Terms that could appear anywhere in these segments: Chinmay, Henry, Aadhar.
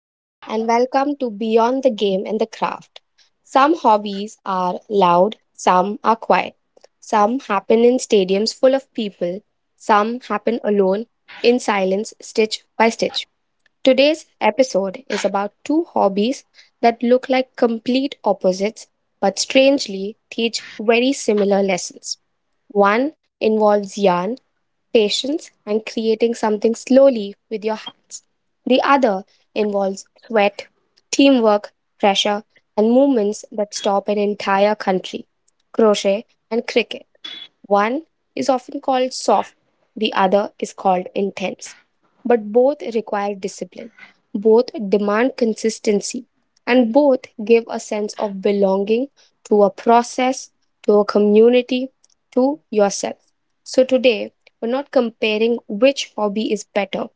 Hello, and welcome to Beyond the Game and the Craft. Some hobbies are loud, some are quiet. Some happen in stadiums full of people, some happen alone, in silence, stitch by stitch. Today's episode is about two hobbies that look like complete opposites but strangely teach very similar lessons. One involves yarn, patience, and creating something slowly with your hands. The other involves sweat, teamwork, pressure, and movements that stop an entire country: crochet and cricket. One is often called soft, the other is called intense. But both require discipline, both demand consistency, and both give a sense of belonging to a process, to a community, to yourself. So today, we're not comparing which hobby is better.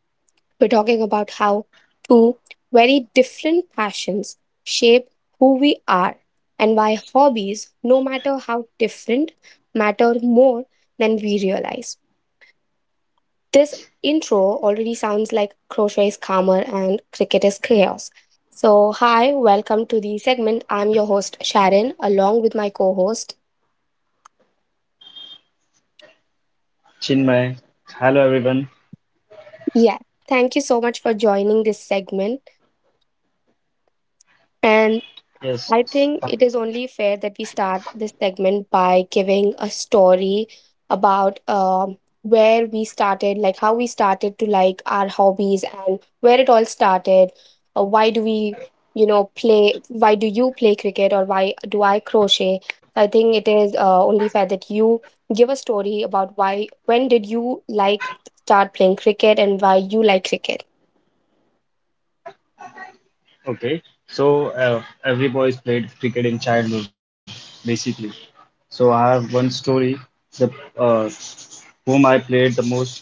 We're talking about how two very different passions shape who we are, and why hobbies, no matter how different, matter more than we realize. This intro already sounds like crochet is calmer and cricket is chaos. So, hi, welcome to the segment. I'm your host, Sharon, along with my co host. Chinmay, hello everyone. Yeah, thank you so much for joining this segment. And I Yes, think it is only fair that we start this segment by giving a story about where we started, like how we started to like our hobbies and where it all started. Why do we, play? Why do you play cricket or why do I crochet? I think it is only fair that you give a story about why, when did you like start playing cricket and why you like cricket. okay. So every boy played cricket in childhood, basically. So I have one story. The uh, whom I played the most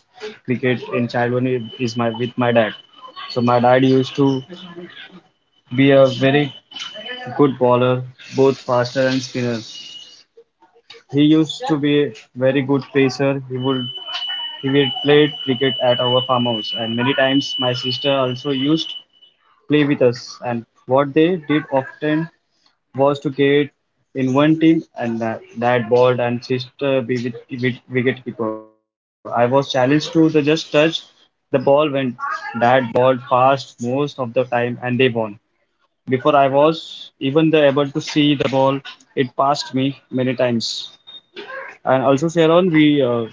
cricket in childhood is my with my dad. So my dad used to be a very good bowler, both faster and spinner. He used to be a very good pacer. He would play cricket at our farmhouse, and many times my sister also used play with us. And what they did often was to get in one team and that ball and sister be with wicketkeeper. I was challenged to the just touch the ball when that ball passed most of the time and they won. Before I was even the able to see the ball, it passed me many times. And also Sharon, we uh,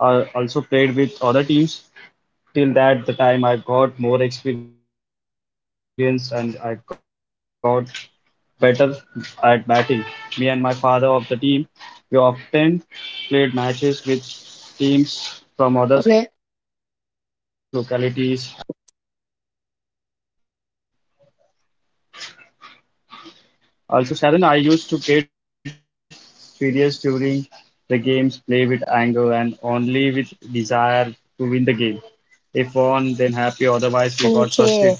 uh, also played with other teams till that the time I got more experience and I got better at batting. Me and my father of the team, we often played matches with teams from other localities. I have Okay. lot of memory with my dad. Also, Sharon, I used to get furious during the games, play with anger and only with desire to win the game. If won, then happy, otherwise we got frustrated. Okay.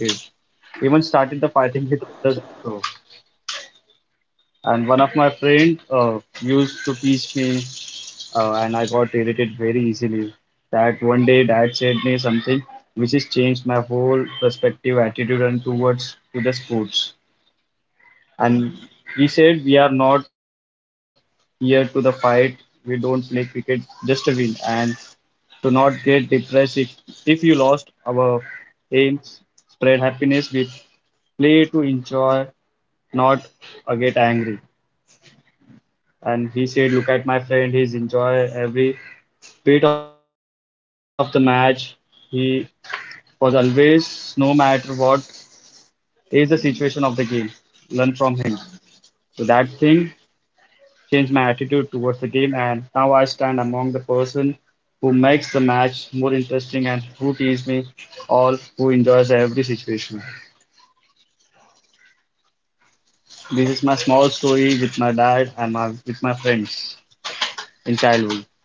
Even started the fighting with others also. And one of my friend used to teach me, and I got irritated very easily. That one day, dad said me something which has changed my whole perspective, attitude, and towards to the sports. And he said, "We are not here to the fight. We don't play cricket just to win, and to not get depressed if you lost our aims, spread happiness. We play to enjoy, not get angry." And he said, look at my friend, he's enjoy every bit of the match. He was always, no matter what is the situation of the game, learn from him. So that thing changed my attitude towards the game, and now I stand among the person who makes the match more interesting and who teaches me all who enjoys every situation. This is my small story with my dad and my with my friends in childhood.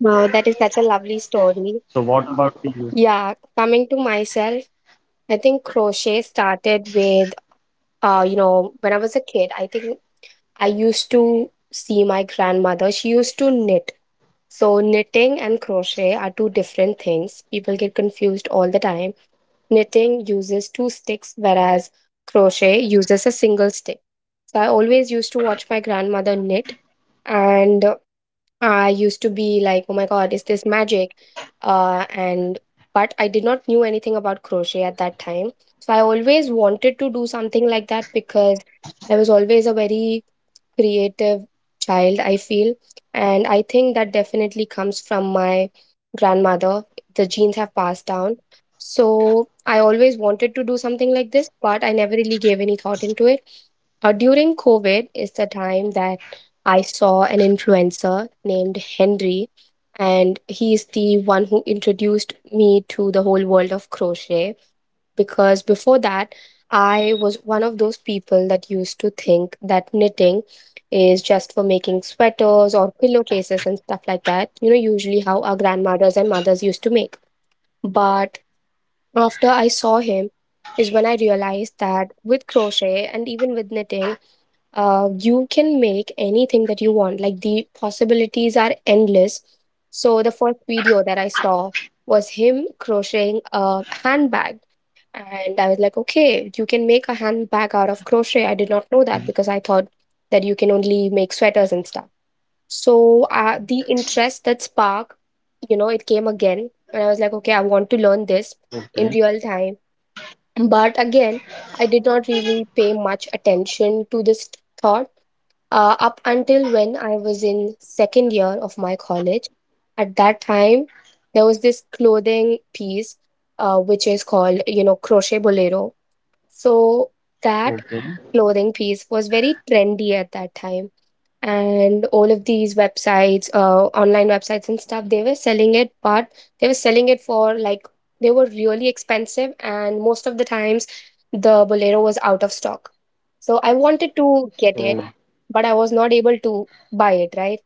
Wow, that is such a lovely story. So what about you? Yeah, coming to myself, I think crochet started with, when I was a kid, I think I used to see my grandmother. She used to knit. So, knitting and crochet are two different things. People get confused all the time. Knitting uses two sticks, whereas crochet uses a single stick. So, I always used to watch my grandmother knit, and I used to be like, oh my God, is this magic? And but I did not knew anything about crochet at that time. So I always wanted to do something like that because I was always a very creative child, I feel. And I think that definitely comes from my grandmother. The genes have passed down. So I always wanted to do something like this, but I never really gave any thought into it. During COVID is the time that I saw an influencer named Henry, and he is the one who introduced me to the whole world of crochet. Because before that, I was one of those people that used to think that knitting is just for making sweaters or pillowcases and stuff like that. Usually how our grandmothers and mothers used to make. But after I saw him, is when I realized that with crochet and even with knitting, you can make anything that you want. Like the possibilities are endless. So the first video that I saw was him crocheting a handbag. And I was like, okay, you can make a handbag out of crochet. I did not know that because I thought that you can only make sweaters and stuff. So the interest that spark, it came again. And I was like, okay, I want to learn this in real Okay. time. But again, I did not really pay much attention to this thought up until when I was in second year of my college. At that time, there was this clothing piece which is called crochet bolero. So that Okay. clothing piece was very trendy at that time, and all of these websites, online websites and stuff, they were selling it. But they were selling it for like they were really expensive, and most of the times the bolero was out of stock. So I wanted to get it, So, but I was not able to buy it, right?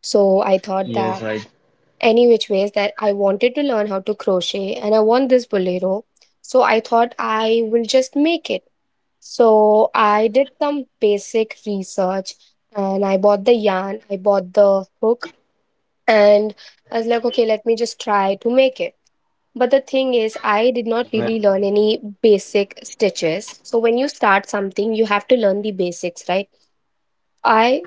So I thought that yes, right. any which ways, that I wanted to learn how to crochet and I want this bolero, so I thought I will just make it. So I did some basic research, and I bought the yarn, I bought the hook, and I was like, okay, let me just try to make it. But the thing is, I did not really learn Well, any basic stitches. So when you start something, you have to learn the basics, right? I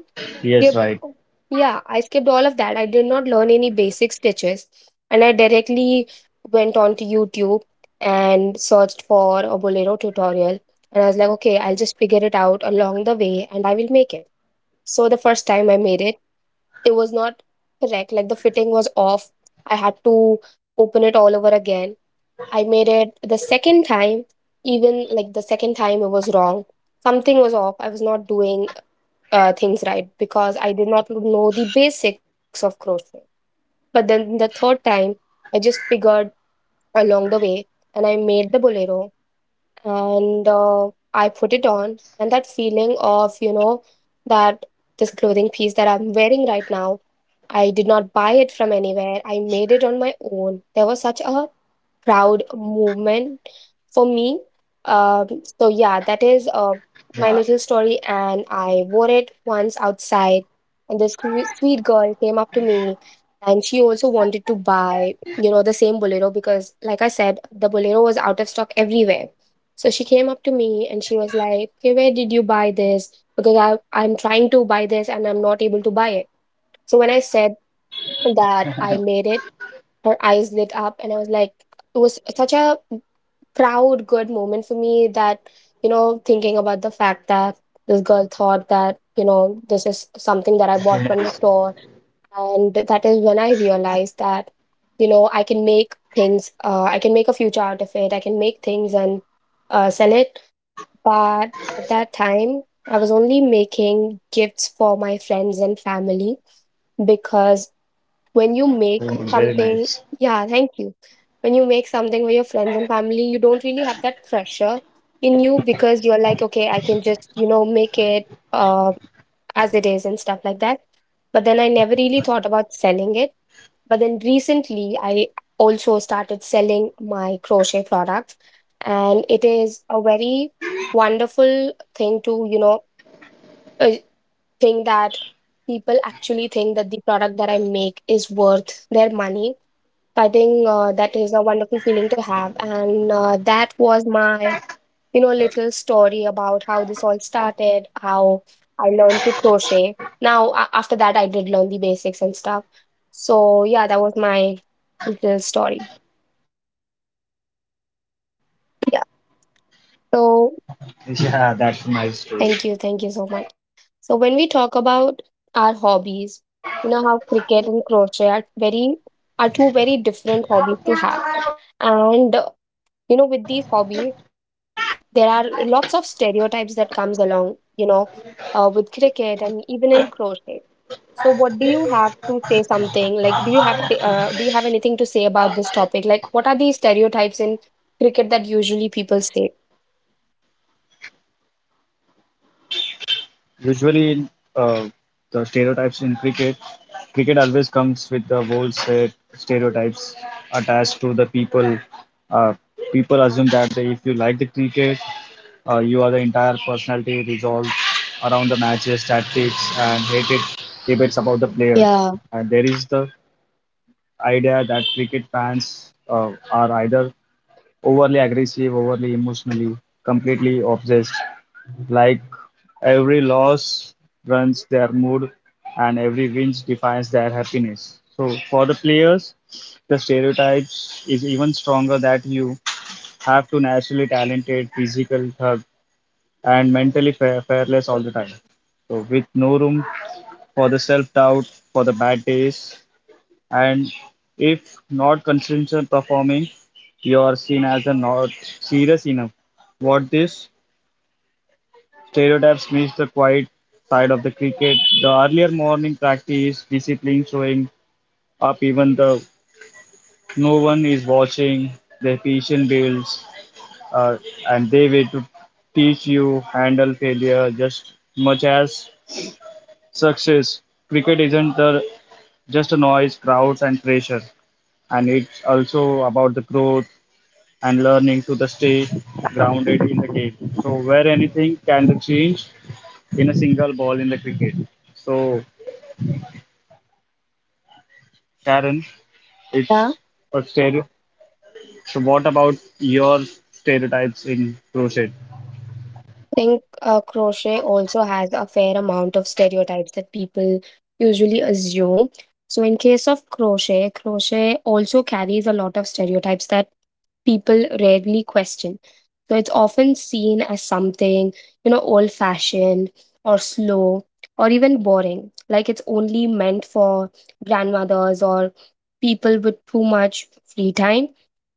skipped yes, right. yeah I skipped all of that. I did not learn any basic stitches, and I directly went on to YouTube and searched for a bolero tutorial, and I was like, okay, I'll just figure it out along the way and I will make it. So the first time I made it, it was not correct. Like the fitting was off, I had to open it all over again. I made it the second time. Even like the second time it was wrong, something was off. I was not doing things right because I did not know the basics of crochet. But then the third time, I just figured along the way and I made the bolero, and I put it on, and that feeling of, that this clothing piece that I'm wearing right now, I did not buy it from anywhere. I made it on my own. There was such a proud moment for me. Um, so yeah, that is Yeah, my little story, and I wore it once outside, and this sweet girl came up to me, and she also wanted to buy, you know, the same bolero because, like I said, the bolero was out of stock everywhere. So she came up to me and she was like, "Okay, where did you buy this? Because I'm trying to buy this and I'm not able to buy it." So when I said that I made it, her eyes lit up, and I was like, it was such a proud good moment for me, that, you know, thinking about the fact that this girl thought that, you know, this is something that I very bought nice. from the store. And that is when I realized that, you know, I can make things. I can make a future out of it. I can make things and sell it. But at that time, I was only making gifts for my friends and family because when you Mm, very make nice. something, yeah, thank you. When you make something for your friends and family, you don't really have that pressure in you because you're like, okay, I can just, make it uh, as it is and stuff like that. But then I never really thought about selling it. But then recently, I also started selling my crochet products, and it is a very wonderful thing to, uh, think that people actually think that the product that I make is worth their money. So I think that is a wonderful feeling to have, and that was my little story about how this all started, how I learned to crochet. Now, after that, I did learn the basics and stuff. So, yeah, that was my little story. Yeah, that's a nice story. Yeah. So, thank you. Thank you so So, much. So, when we talk about our hobbies, you know, how cricket and crochet are two very different hobbies to have. And, with these hobbies, there are lots of stereotypes that comes along, with cricket and even in crochet. So what do you have to say? Something like, do you have anything to say about this topic? Like what are the stereotypes in cricket that usually people say? usually, uh, the stereotypes in cricket, cricket always comes with the whole set stereotypes attached to the people. Uh, People assume that they, if you like the cricket, you are the entire personality resolved around the matches, tactics, and hated debates about the players. And there Yeah. is the idea that cricket fans are either overly aggressive, overly emotionally, completely obsessed, like every loss runs their mood and every win defines their happiness. So for the players, the stereotypes is even stronger that you have to naturally talented, physical thug, and mentally fearless all the time. So with no room for the self doubt, for the bad days, and if not consistently performing, you are seen as a not serious enough. What these stereotypes miss the quiet side of the cricket. The earlier morning practice, discipline showing up even though no one is watching, the patient builds, uh, and they wait to teach you handle failure just much as success. Cricket isn't the, just a noise, crowds and pressure, and it's also about the growth, and learning to the stay grounded in the game. So where anything can be changed in a single ball in the cricket. So Sharon, it's a stereotype. So what about your stereotypes in crochet? Think crochet also has a fair amount of stereotypes that people usually assume. So, in case of crochet, crochet also carries a lot of stereotypes that people rarely question. So, it's often seen as something, old fashioned or slow or even boring, like it's only meant for grandmothers or people with too much free time.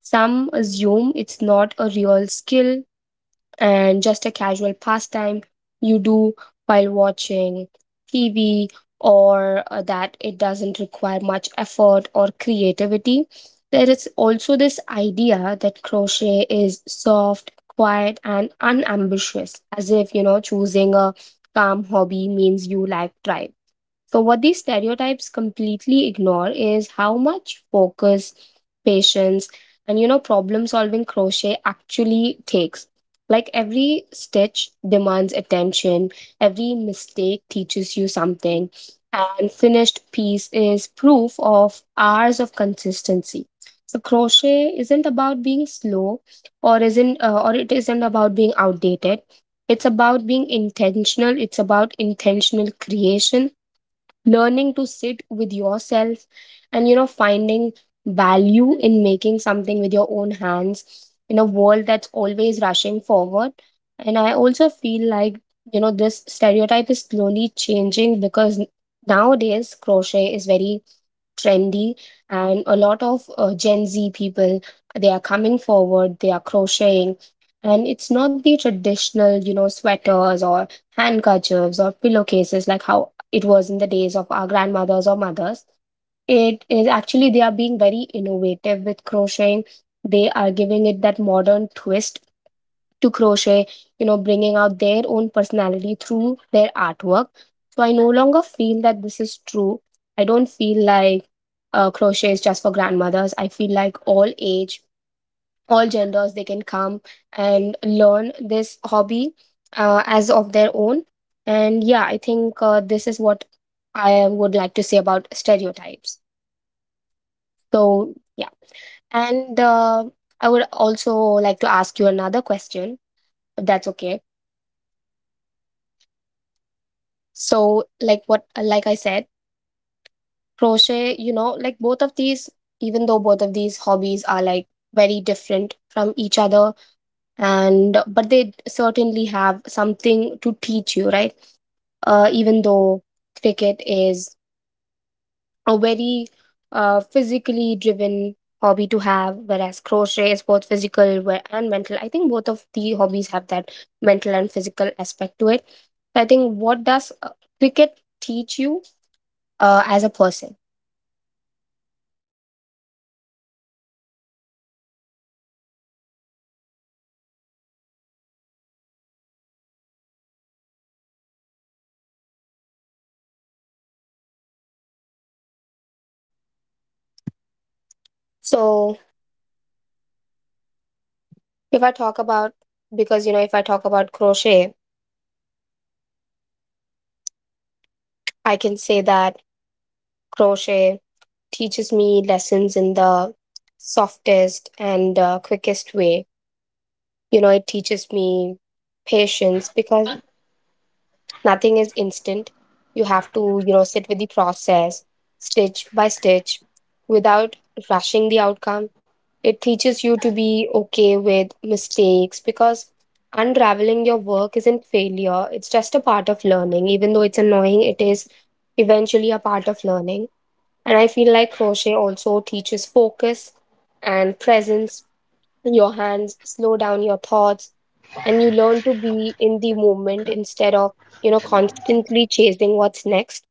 Some Yes, assume it's not a real skill and just a casual pastime you do while watching TV or that it doesn't require much effort or creativity. There is also this idea that crochet is soft, quiet, and unambitious, as if, choosing a calm hobby yes, means you lack drive. So, what these yes, stereotypes completely ignore is how much focus, patience, and problem solving crochet actually takes. Like every stitch demands attention, every mistake teaches you something, and finished piece is proof of hours of consistency. So crochet isn't about being slow or it isn't about being outdated. It's about being intentional, it's about intentional creation, learning to sit with yourself and finding value in making something with your own hands in a world that's always rushing forward. And I also feel like this stereotype is slowly changing because nowadays crochet is very trendy, and a lot of gen yes, Z people, they are coming forward, they are crocheting. And it's not the traditional sweaters or handkerchiefs or pillowcases like how it was in the days of our grandmothers or mothers. It is actually, they are being very innovative with crocheting. They are giving it that modern twist to crochet, yes. bringing out their own personality through their artwork. So I no longer feel that this is true. I don't feel like crochet is just for grandmothers. I feel like all age, all genders, they can come and learn this hobby as of their own. And yeah, I think this is what I would like to say about stereotypes. So Okay, yeah, very. and I would also like to ask you another question if that's okay. Yes, yeah, that's okay. So like what, like I said, crochet, like both of these, even though both of these hobbies are like very different from each other, and but they certainly have something to teach you, right? Even though Yeah. cricket is a very physically driven hobby to have, whereas crochet is both physical and mental. I think both of the hobbies have that mental and physical aspect to it. I think what does Yes, cricket teach you as a person? as a person, cricket teach me more than just how to hit the ball or take a wicket. Uh, He teaches patience because it is now not for only patience So, and uh, if I every talk over about, goes. because if I talk about crochet, Yes, I can say that crochet teaches me lessons in the softest and quickest way. You know it teaches me patience because nothing is instant. You have to sit with the process, stitch by stitch, without rushing the outcome. It teaches you to be okay with mistakes because unraveling your work isn't failure, it's just a part of learning. Even though it's annoying, it is eventually a part of learning. And I feel like crochet also teaches focus and presence. Your hands slow down your thoughts, and you learn to be in the moment instead of, constantly chasing what's next.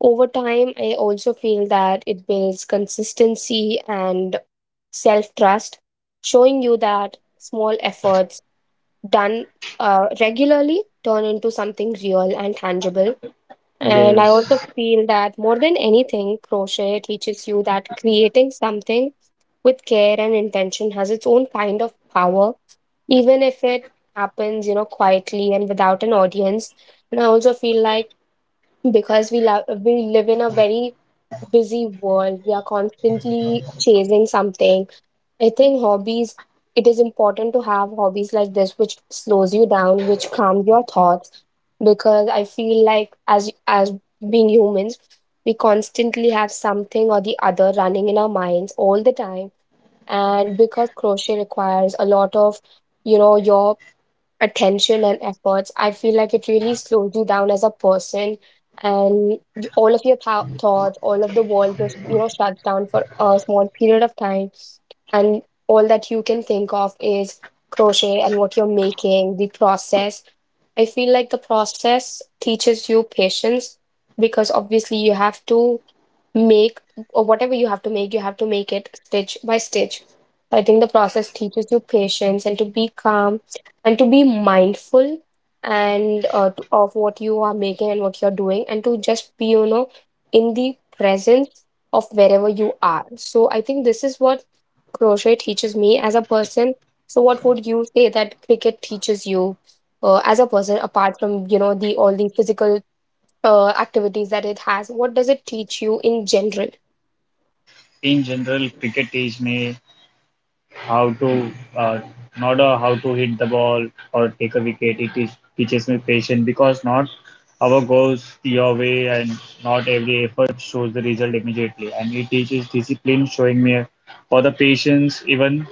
Over time, I also feel that it builds consistency and self trust, showing you that small efforts done regularly turn into something real and tangible. And I also yes. feel that more than anything, crochet teaches you that creating something with care and intention has its own kind of power, even if it happens, quietly and without an audience. And I also feel like because we live in a very busy world, we are constantly chasing something. I think hobbies, it is important to have hobbies like this, which slows you down, which calms your thoughts, because I feel like as being humans, we constantly have something or the other running in our minds all the time. And because crochet requires a lot of, your attention and efforts, I feel like it really slows you down as a person, and all of your thoughts, all of the world just shuts down for a small period of time, and all that you can think of is crochet and what you're making, the process. I feel like the process teaches you patience because obviously you have to make, or whatever you have to make, you have to make it stitch by stitch. I think the process teaches you patience and to be calm and to be mindful and of what you are making and what you're doing, and to just be, in the presence of wherever you are. So I think this is what crochet teaches me as a person. So what would you say that cricket teaches you as a person apart from, the all the physical activities that it has? What does it teach you in general? In general, cricket teach me how to uh, not how to hit the ball or take a wicket. It is, teaches me patience because not our goals your way and not every effort shows the result immediately. And it teaches discipline, showing me for the patience even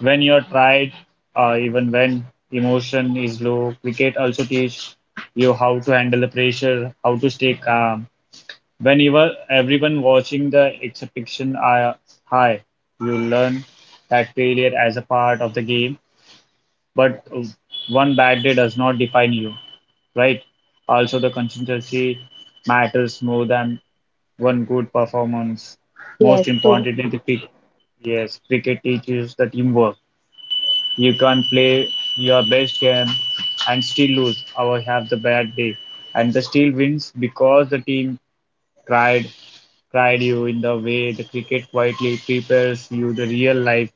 when you're tired, even when emotion is low. Cricket also teach you how to handle the pressure, how to stay calm, whenever everyone watching the expectations are high, you learn that failure as a part of the game, but one bad day does not define you, right? Also, the consistency matters more than one good performance. Yeah, Most true. importantly, the cricket. Yes, cricket teaches the teamwork. You can play your best game and still lose or have the bad day. And the still wins because the team tried cried you in the way the cricket quietly prepares you the real life.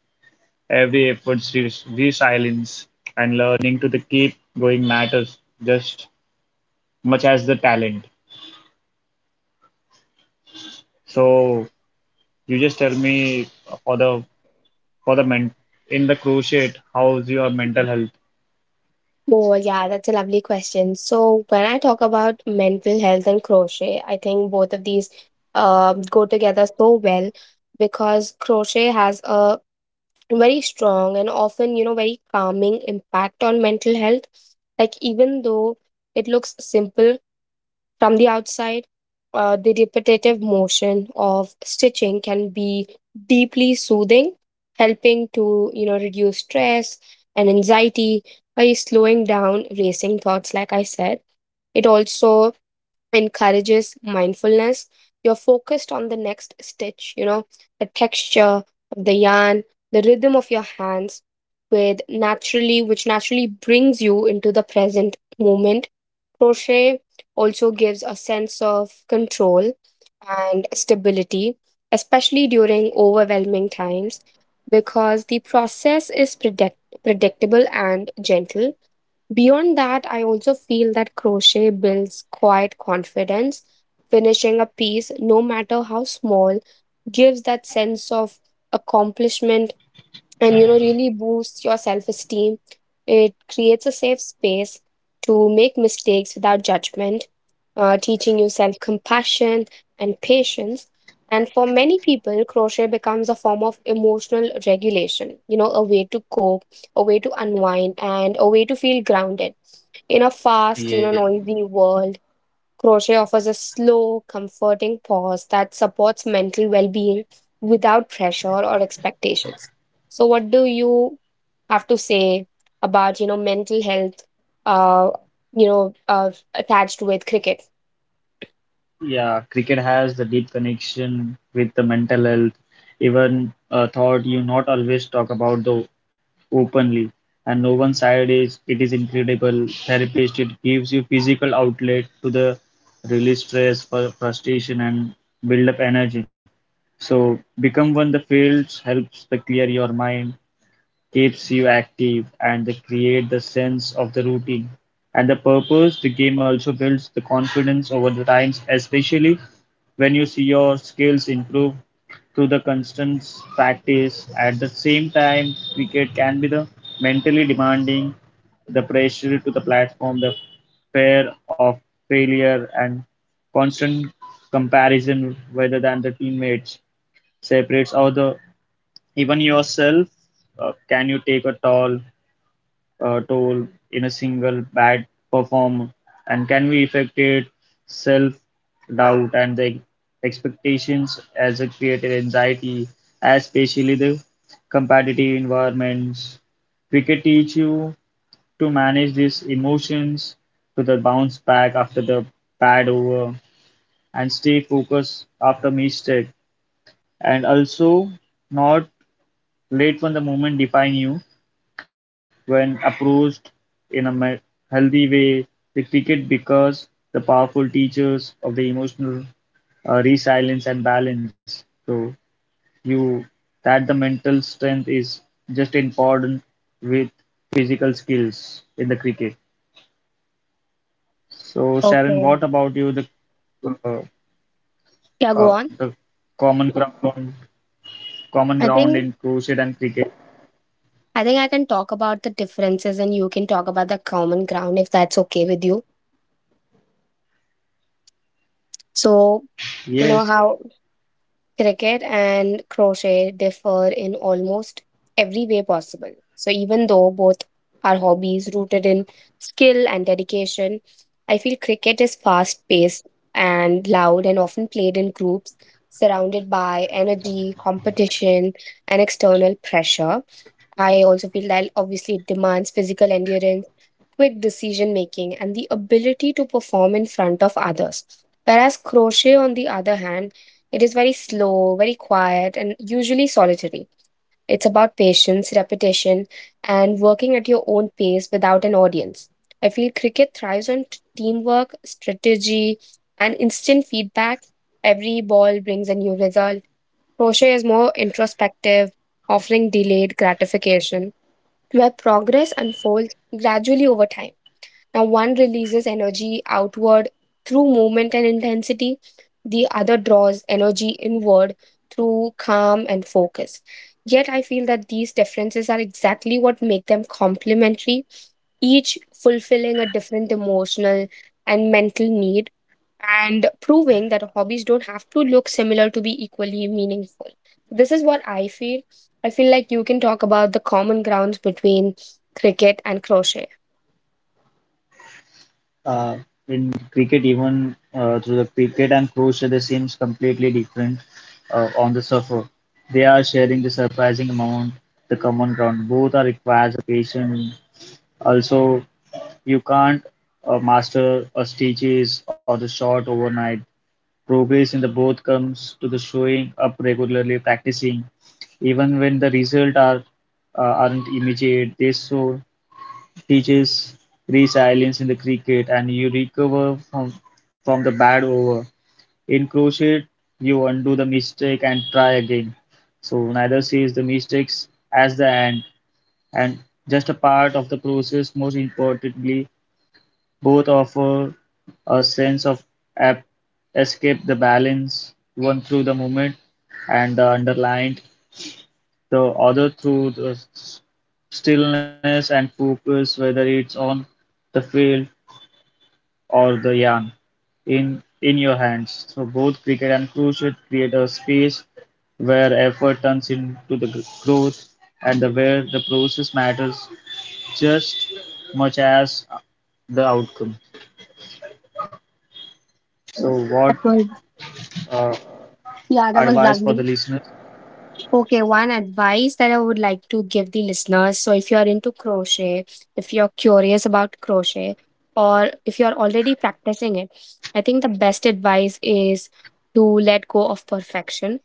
Every resilience and learning to the keep going matters just much as the talent. So you just tell me for the for the men in the crochet, how's your mental health? Oh, yeah, that's a lovely question. So, when I talk about mental health and crochet, I think both of these go together so well because crochet has a very strong and often, very calming impact on mental health. Like, even though it looks simple, from the outside, the repetitive motion of stitching can be deeply soothing, helping to reduce stress and anxiety by slowing down racing thoughts. Like I said, it also encourages mindfulness. You're focused on the next stitch, the texture of the yarn, the rhythm of your hands, which naturally brings you into the present moment. Crochet also gives a sense of control and stability, especially during overwhelming times, because the process is predictable and gentle. Beyond that, I also feel that crochet builds quiet confidence. Finishing a piece, no matter how small, gives that sense of accomplishment and really boosts your self-esteem. It creates a safe space to make mistakes without judgment, teaching you self-compassion and patience. And for many people crochet becomes a form of emotional regulation, a way to cope, a way to unwind, and a way to feel grounded in a fast, noisy world. Crochet offers a slow, comforting pause that supports mental well being without pressure or expectations. So, what do you have to say about mental health, uh, attached with cricket? Yeah, cricket has the deep connection with the mental health, even a thought you not always talk about though openly. And no one side is it is incredible therapist. It gives you physical outlet to the release stress, frustration, and build up energy. So become one the fields helps the clear your mind, keeps you active, and they create the sense of the routine and the purpose. The game also builds the confidence over the times, especially when you see your skills improve through the constant practice. At the same time, cricket can be the mentally demanding, the pressure to the platform, the fear of failure, and constant comparison rather than the teammates separates all the even yourself, can you take a toll in a single bad perform, and can we affect it self doubt and the expectations as a creative anxiety, especially the competitive environments. Cricket teach you to manage these emotions, to the bounce back after the bad over and stay focused after mistake, and also not let from the moment define you. When approached in a healthy way, the cricket becomes the powerful teachers of the emotional resilience and balance. So you that the mental strength is just important with physical skills in the cricket. So Sharon, Okay. what about you? Uh, Yeah, go uh, on. the common ground I common ground think in crochet and cricket. I think I can talk about the differences and you can talk about the common ground if that's okay with you. So, you know Yes. how cricket and crochet differ in almost every way possible. So, even though both are hobbies rooted in skill and dedication, I feel cricket is fast paced and loud and often played in groups, surrounded by energy, competition, and external pressure. I also feel that obviously it demands physical endurance, quick decision making, and the ability to perform in front of others. Whereas crochet, on the other hand, it is very slow, very quiet, and usually solitary. It's about patience, repetition, and working at your own pace without an audience. I feel cricket thrives on teamwork, strategy, and instant feedback. Every ball brings a new result. Crochet is more introspective, offering delayed gratification, where progress unfolds gradually over time. Now, one releases energy outward through movement and intensity, the other draws energy inward through calm and focus. Yet, I feel that these differences are exactly what make them complementary, each fulfilling a different emotional and mental need, and proving that hobbies don't have to look similar to be equally meaningful. This is what I feel. I feel like you can talk about the common grounds between cricket and crochet. uh, in cricket, even through the cricket and crochet, they seems completely different on the surface. They are sharing the surprising amount, the common ground. Both are requires a patient. Also, you can't master a stitches or the shot overnight. Progress in the both comes to the showing up regularly, practicing, even when the result aren't immediate. They show teaches resilience in the cricket and you recover from the bad over. In crochet, you undo the mistake and try again. So neither sees the mistakes as the end and just a part of the process. Most importantly, both offer a sense of ap- escape the balance, one through the movement and the underlined, the other through the stillness and focus, whether it's on the field or the yarn in your hands. So both cricket and crochet create a space where effort turns into the growth and the where the process matters just much as the outcome. So what That was, uh, yeah, that was advice for lovely. the listeners? Okay, one advice that I would like to give the listeners. So, if you're into crochet, if you're curious about crochet, or if you're already practicing it, I think the best advice is to let go of perfection.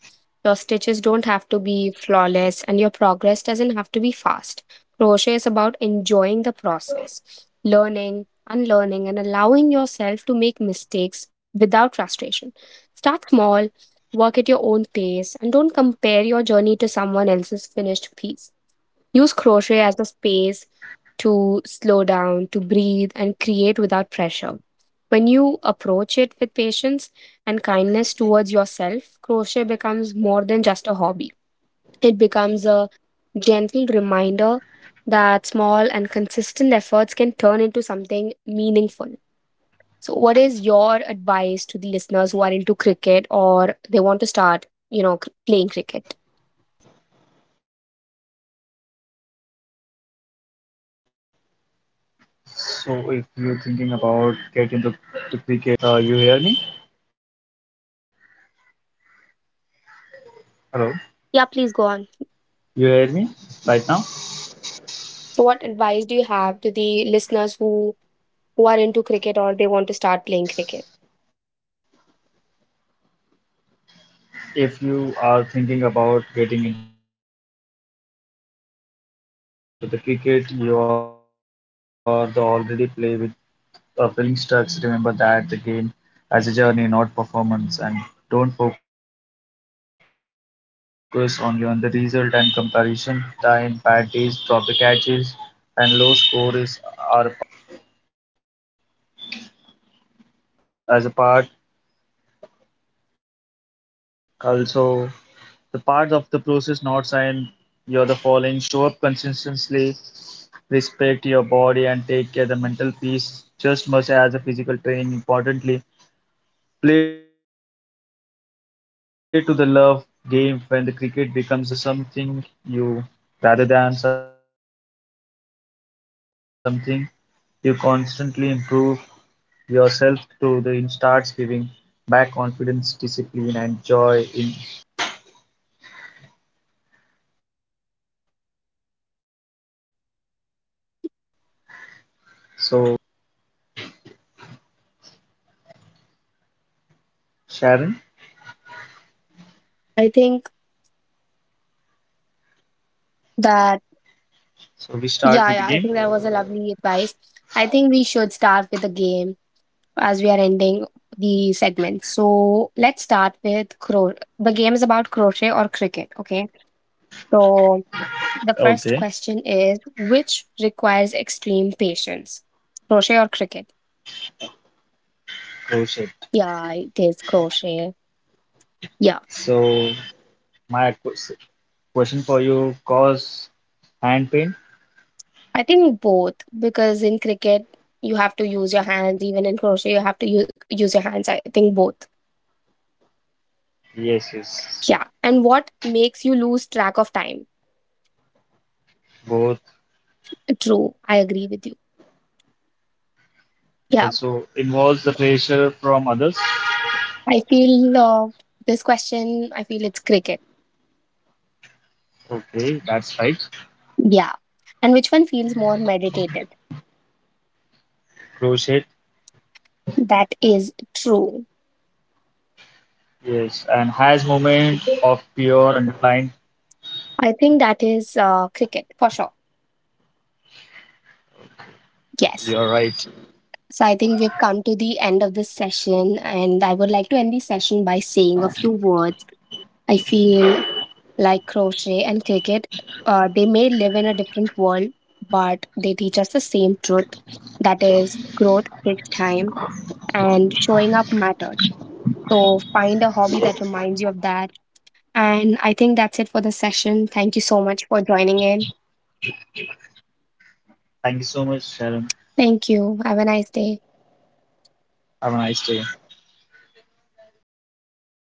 Your stitches don't have to be flawless, and your progress doesn't have to be fast. Crochet is about enjoying the process, learning, unlearning, and allowing yourself to make mistakes without frustration. Start small. Work at your own pace and don't compare your journey to someone else's finished piece. Use crochet as a space to slow down, to breathe, and create without pressure. When you approach it with patience and kindness towards yourself, crochet becomes more than just a hobby. It becomes a gentle reminder that small and consistent efforts can turn into something meaningful. So, what is your advice to the listeners who are into cricket or they want to start, playing cricket? So if you're thinking about getting the cricket, you hear me? Hello, Yeah, please go on. you hear me right now? So, what advice do you have to the listeners who are into cricket or they want to start playing cricket? If you are thinking about getting into the cricket, you are the already play with Filmstrucks, remember that the game has a journey, not performance, and don't focus only on the result and comparison. Focus on learning your rhythm, improve your one step at a time, bad days, sloppy catches, and low scores are a part as a part. Also, the part of the process, not sign you're the following. Show up consistently, respect your body, and take care of the mental peace just much as the physical training. Importantly, play to the love game when the cricket becomes something you rather than something you constantly improve yourself to the starts giving back confidence, discipline and joy in always go far behind the field. So we start with a fun game, Sharon. I think that yeah, yeah, I think So that we was a start with the lovely game. advice. I think we should start with the game as we are ending the segment. So, let's start with cro. The game is about crochet or cricket, okay? So, the first question is, Okay, which requires extreme patience? Crochet or cricket? Yeah, it is go shit. crochet. Yeah, So my question for you cause I hand think pain? both, because in cricket you have to use your hands, even in crochet you have to use your hands. I think both. Yes, Yeah, yes. and what makes you lose track of time? Both True, I agree with you. Yeah, also involves the pressure from others. I feel this question, I feel it's cricket. Okay, that's right. Yeah, and which one feels more meditative? Crochet, That is true. yes, and has moment of pure and blind. I think that is cricket for sure. Yes. You're right. So I think we've come to the end of this session, and I would like to end the session by saying a few words. I feel like crochet and cricket, they may live in a different world, but they teach us the same truth, that is, growth takes time and showing up matters. So find a hobby that reminds you of that. And I think that's it for the session. Thank you so much for joining in. Thank you so much, Sharon. Thank you. Have a nice day. Have a nice day.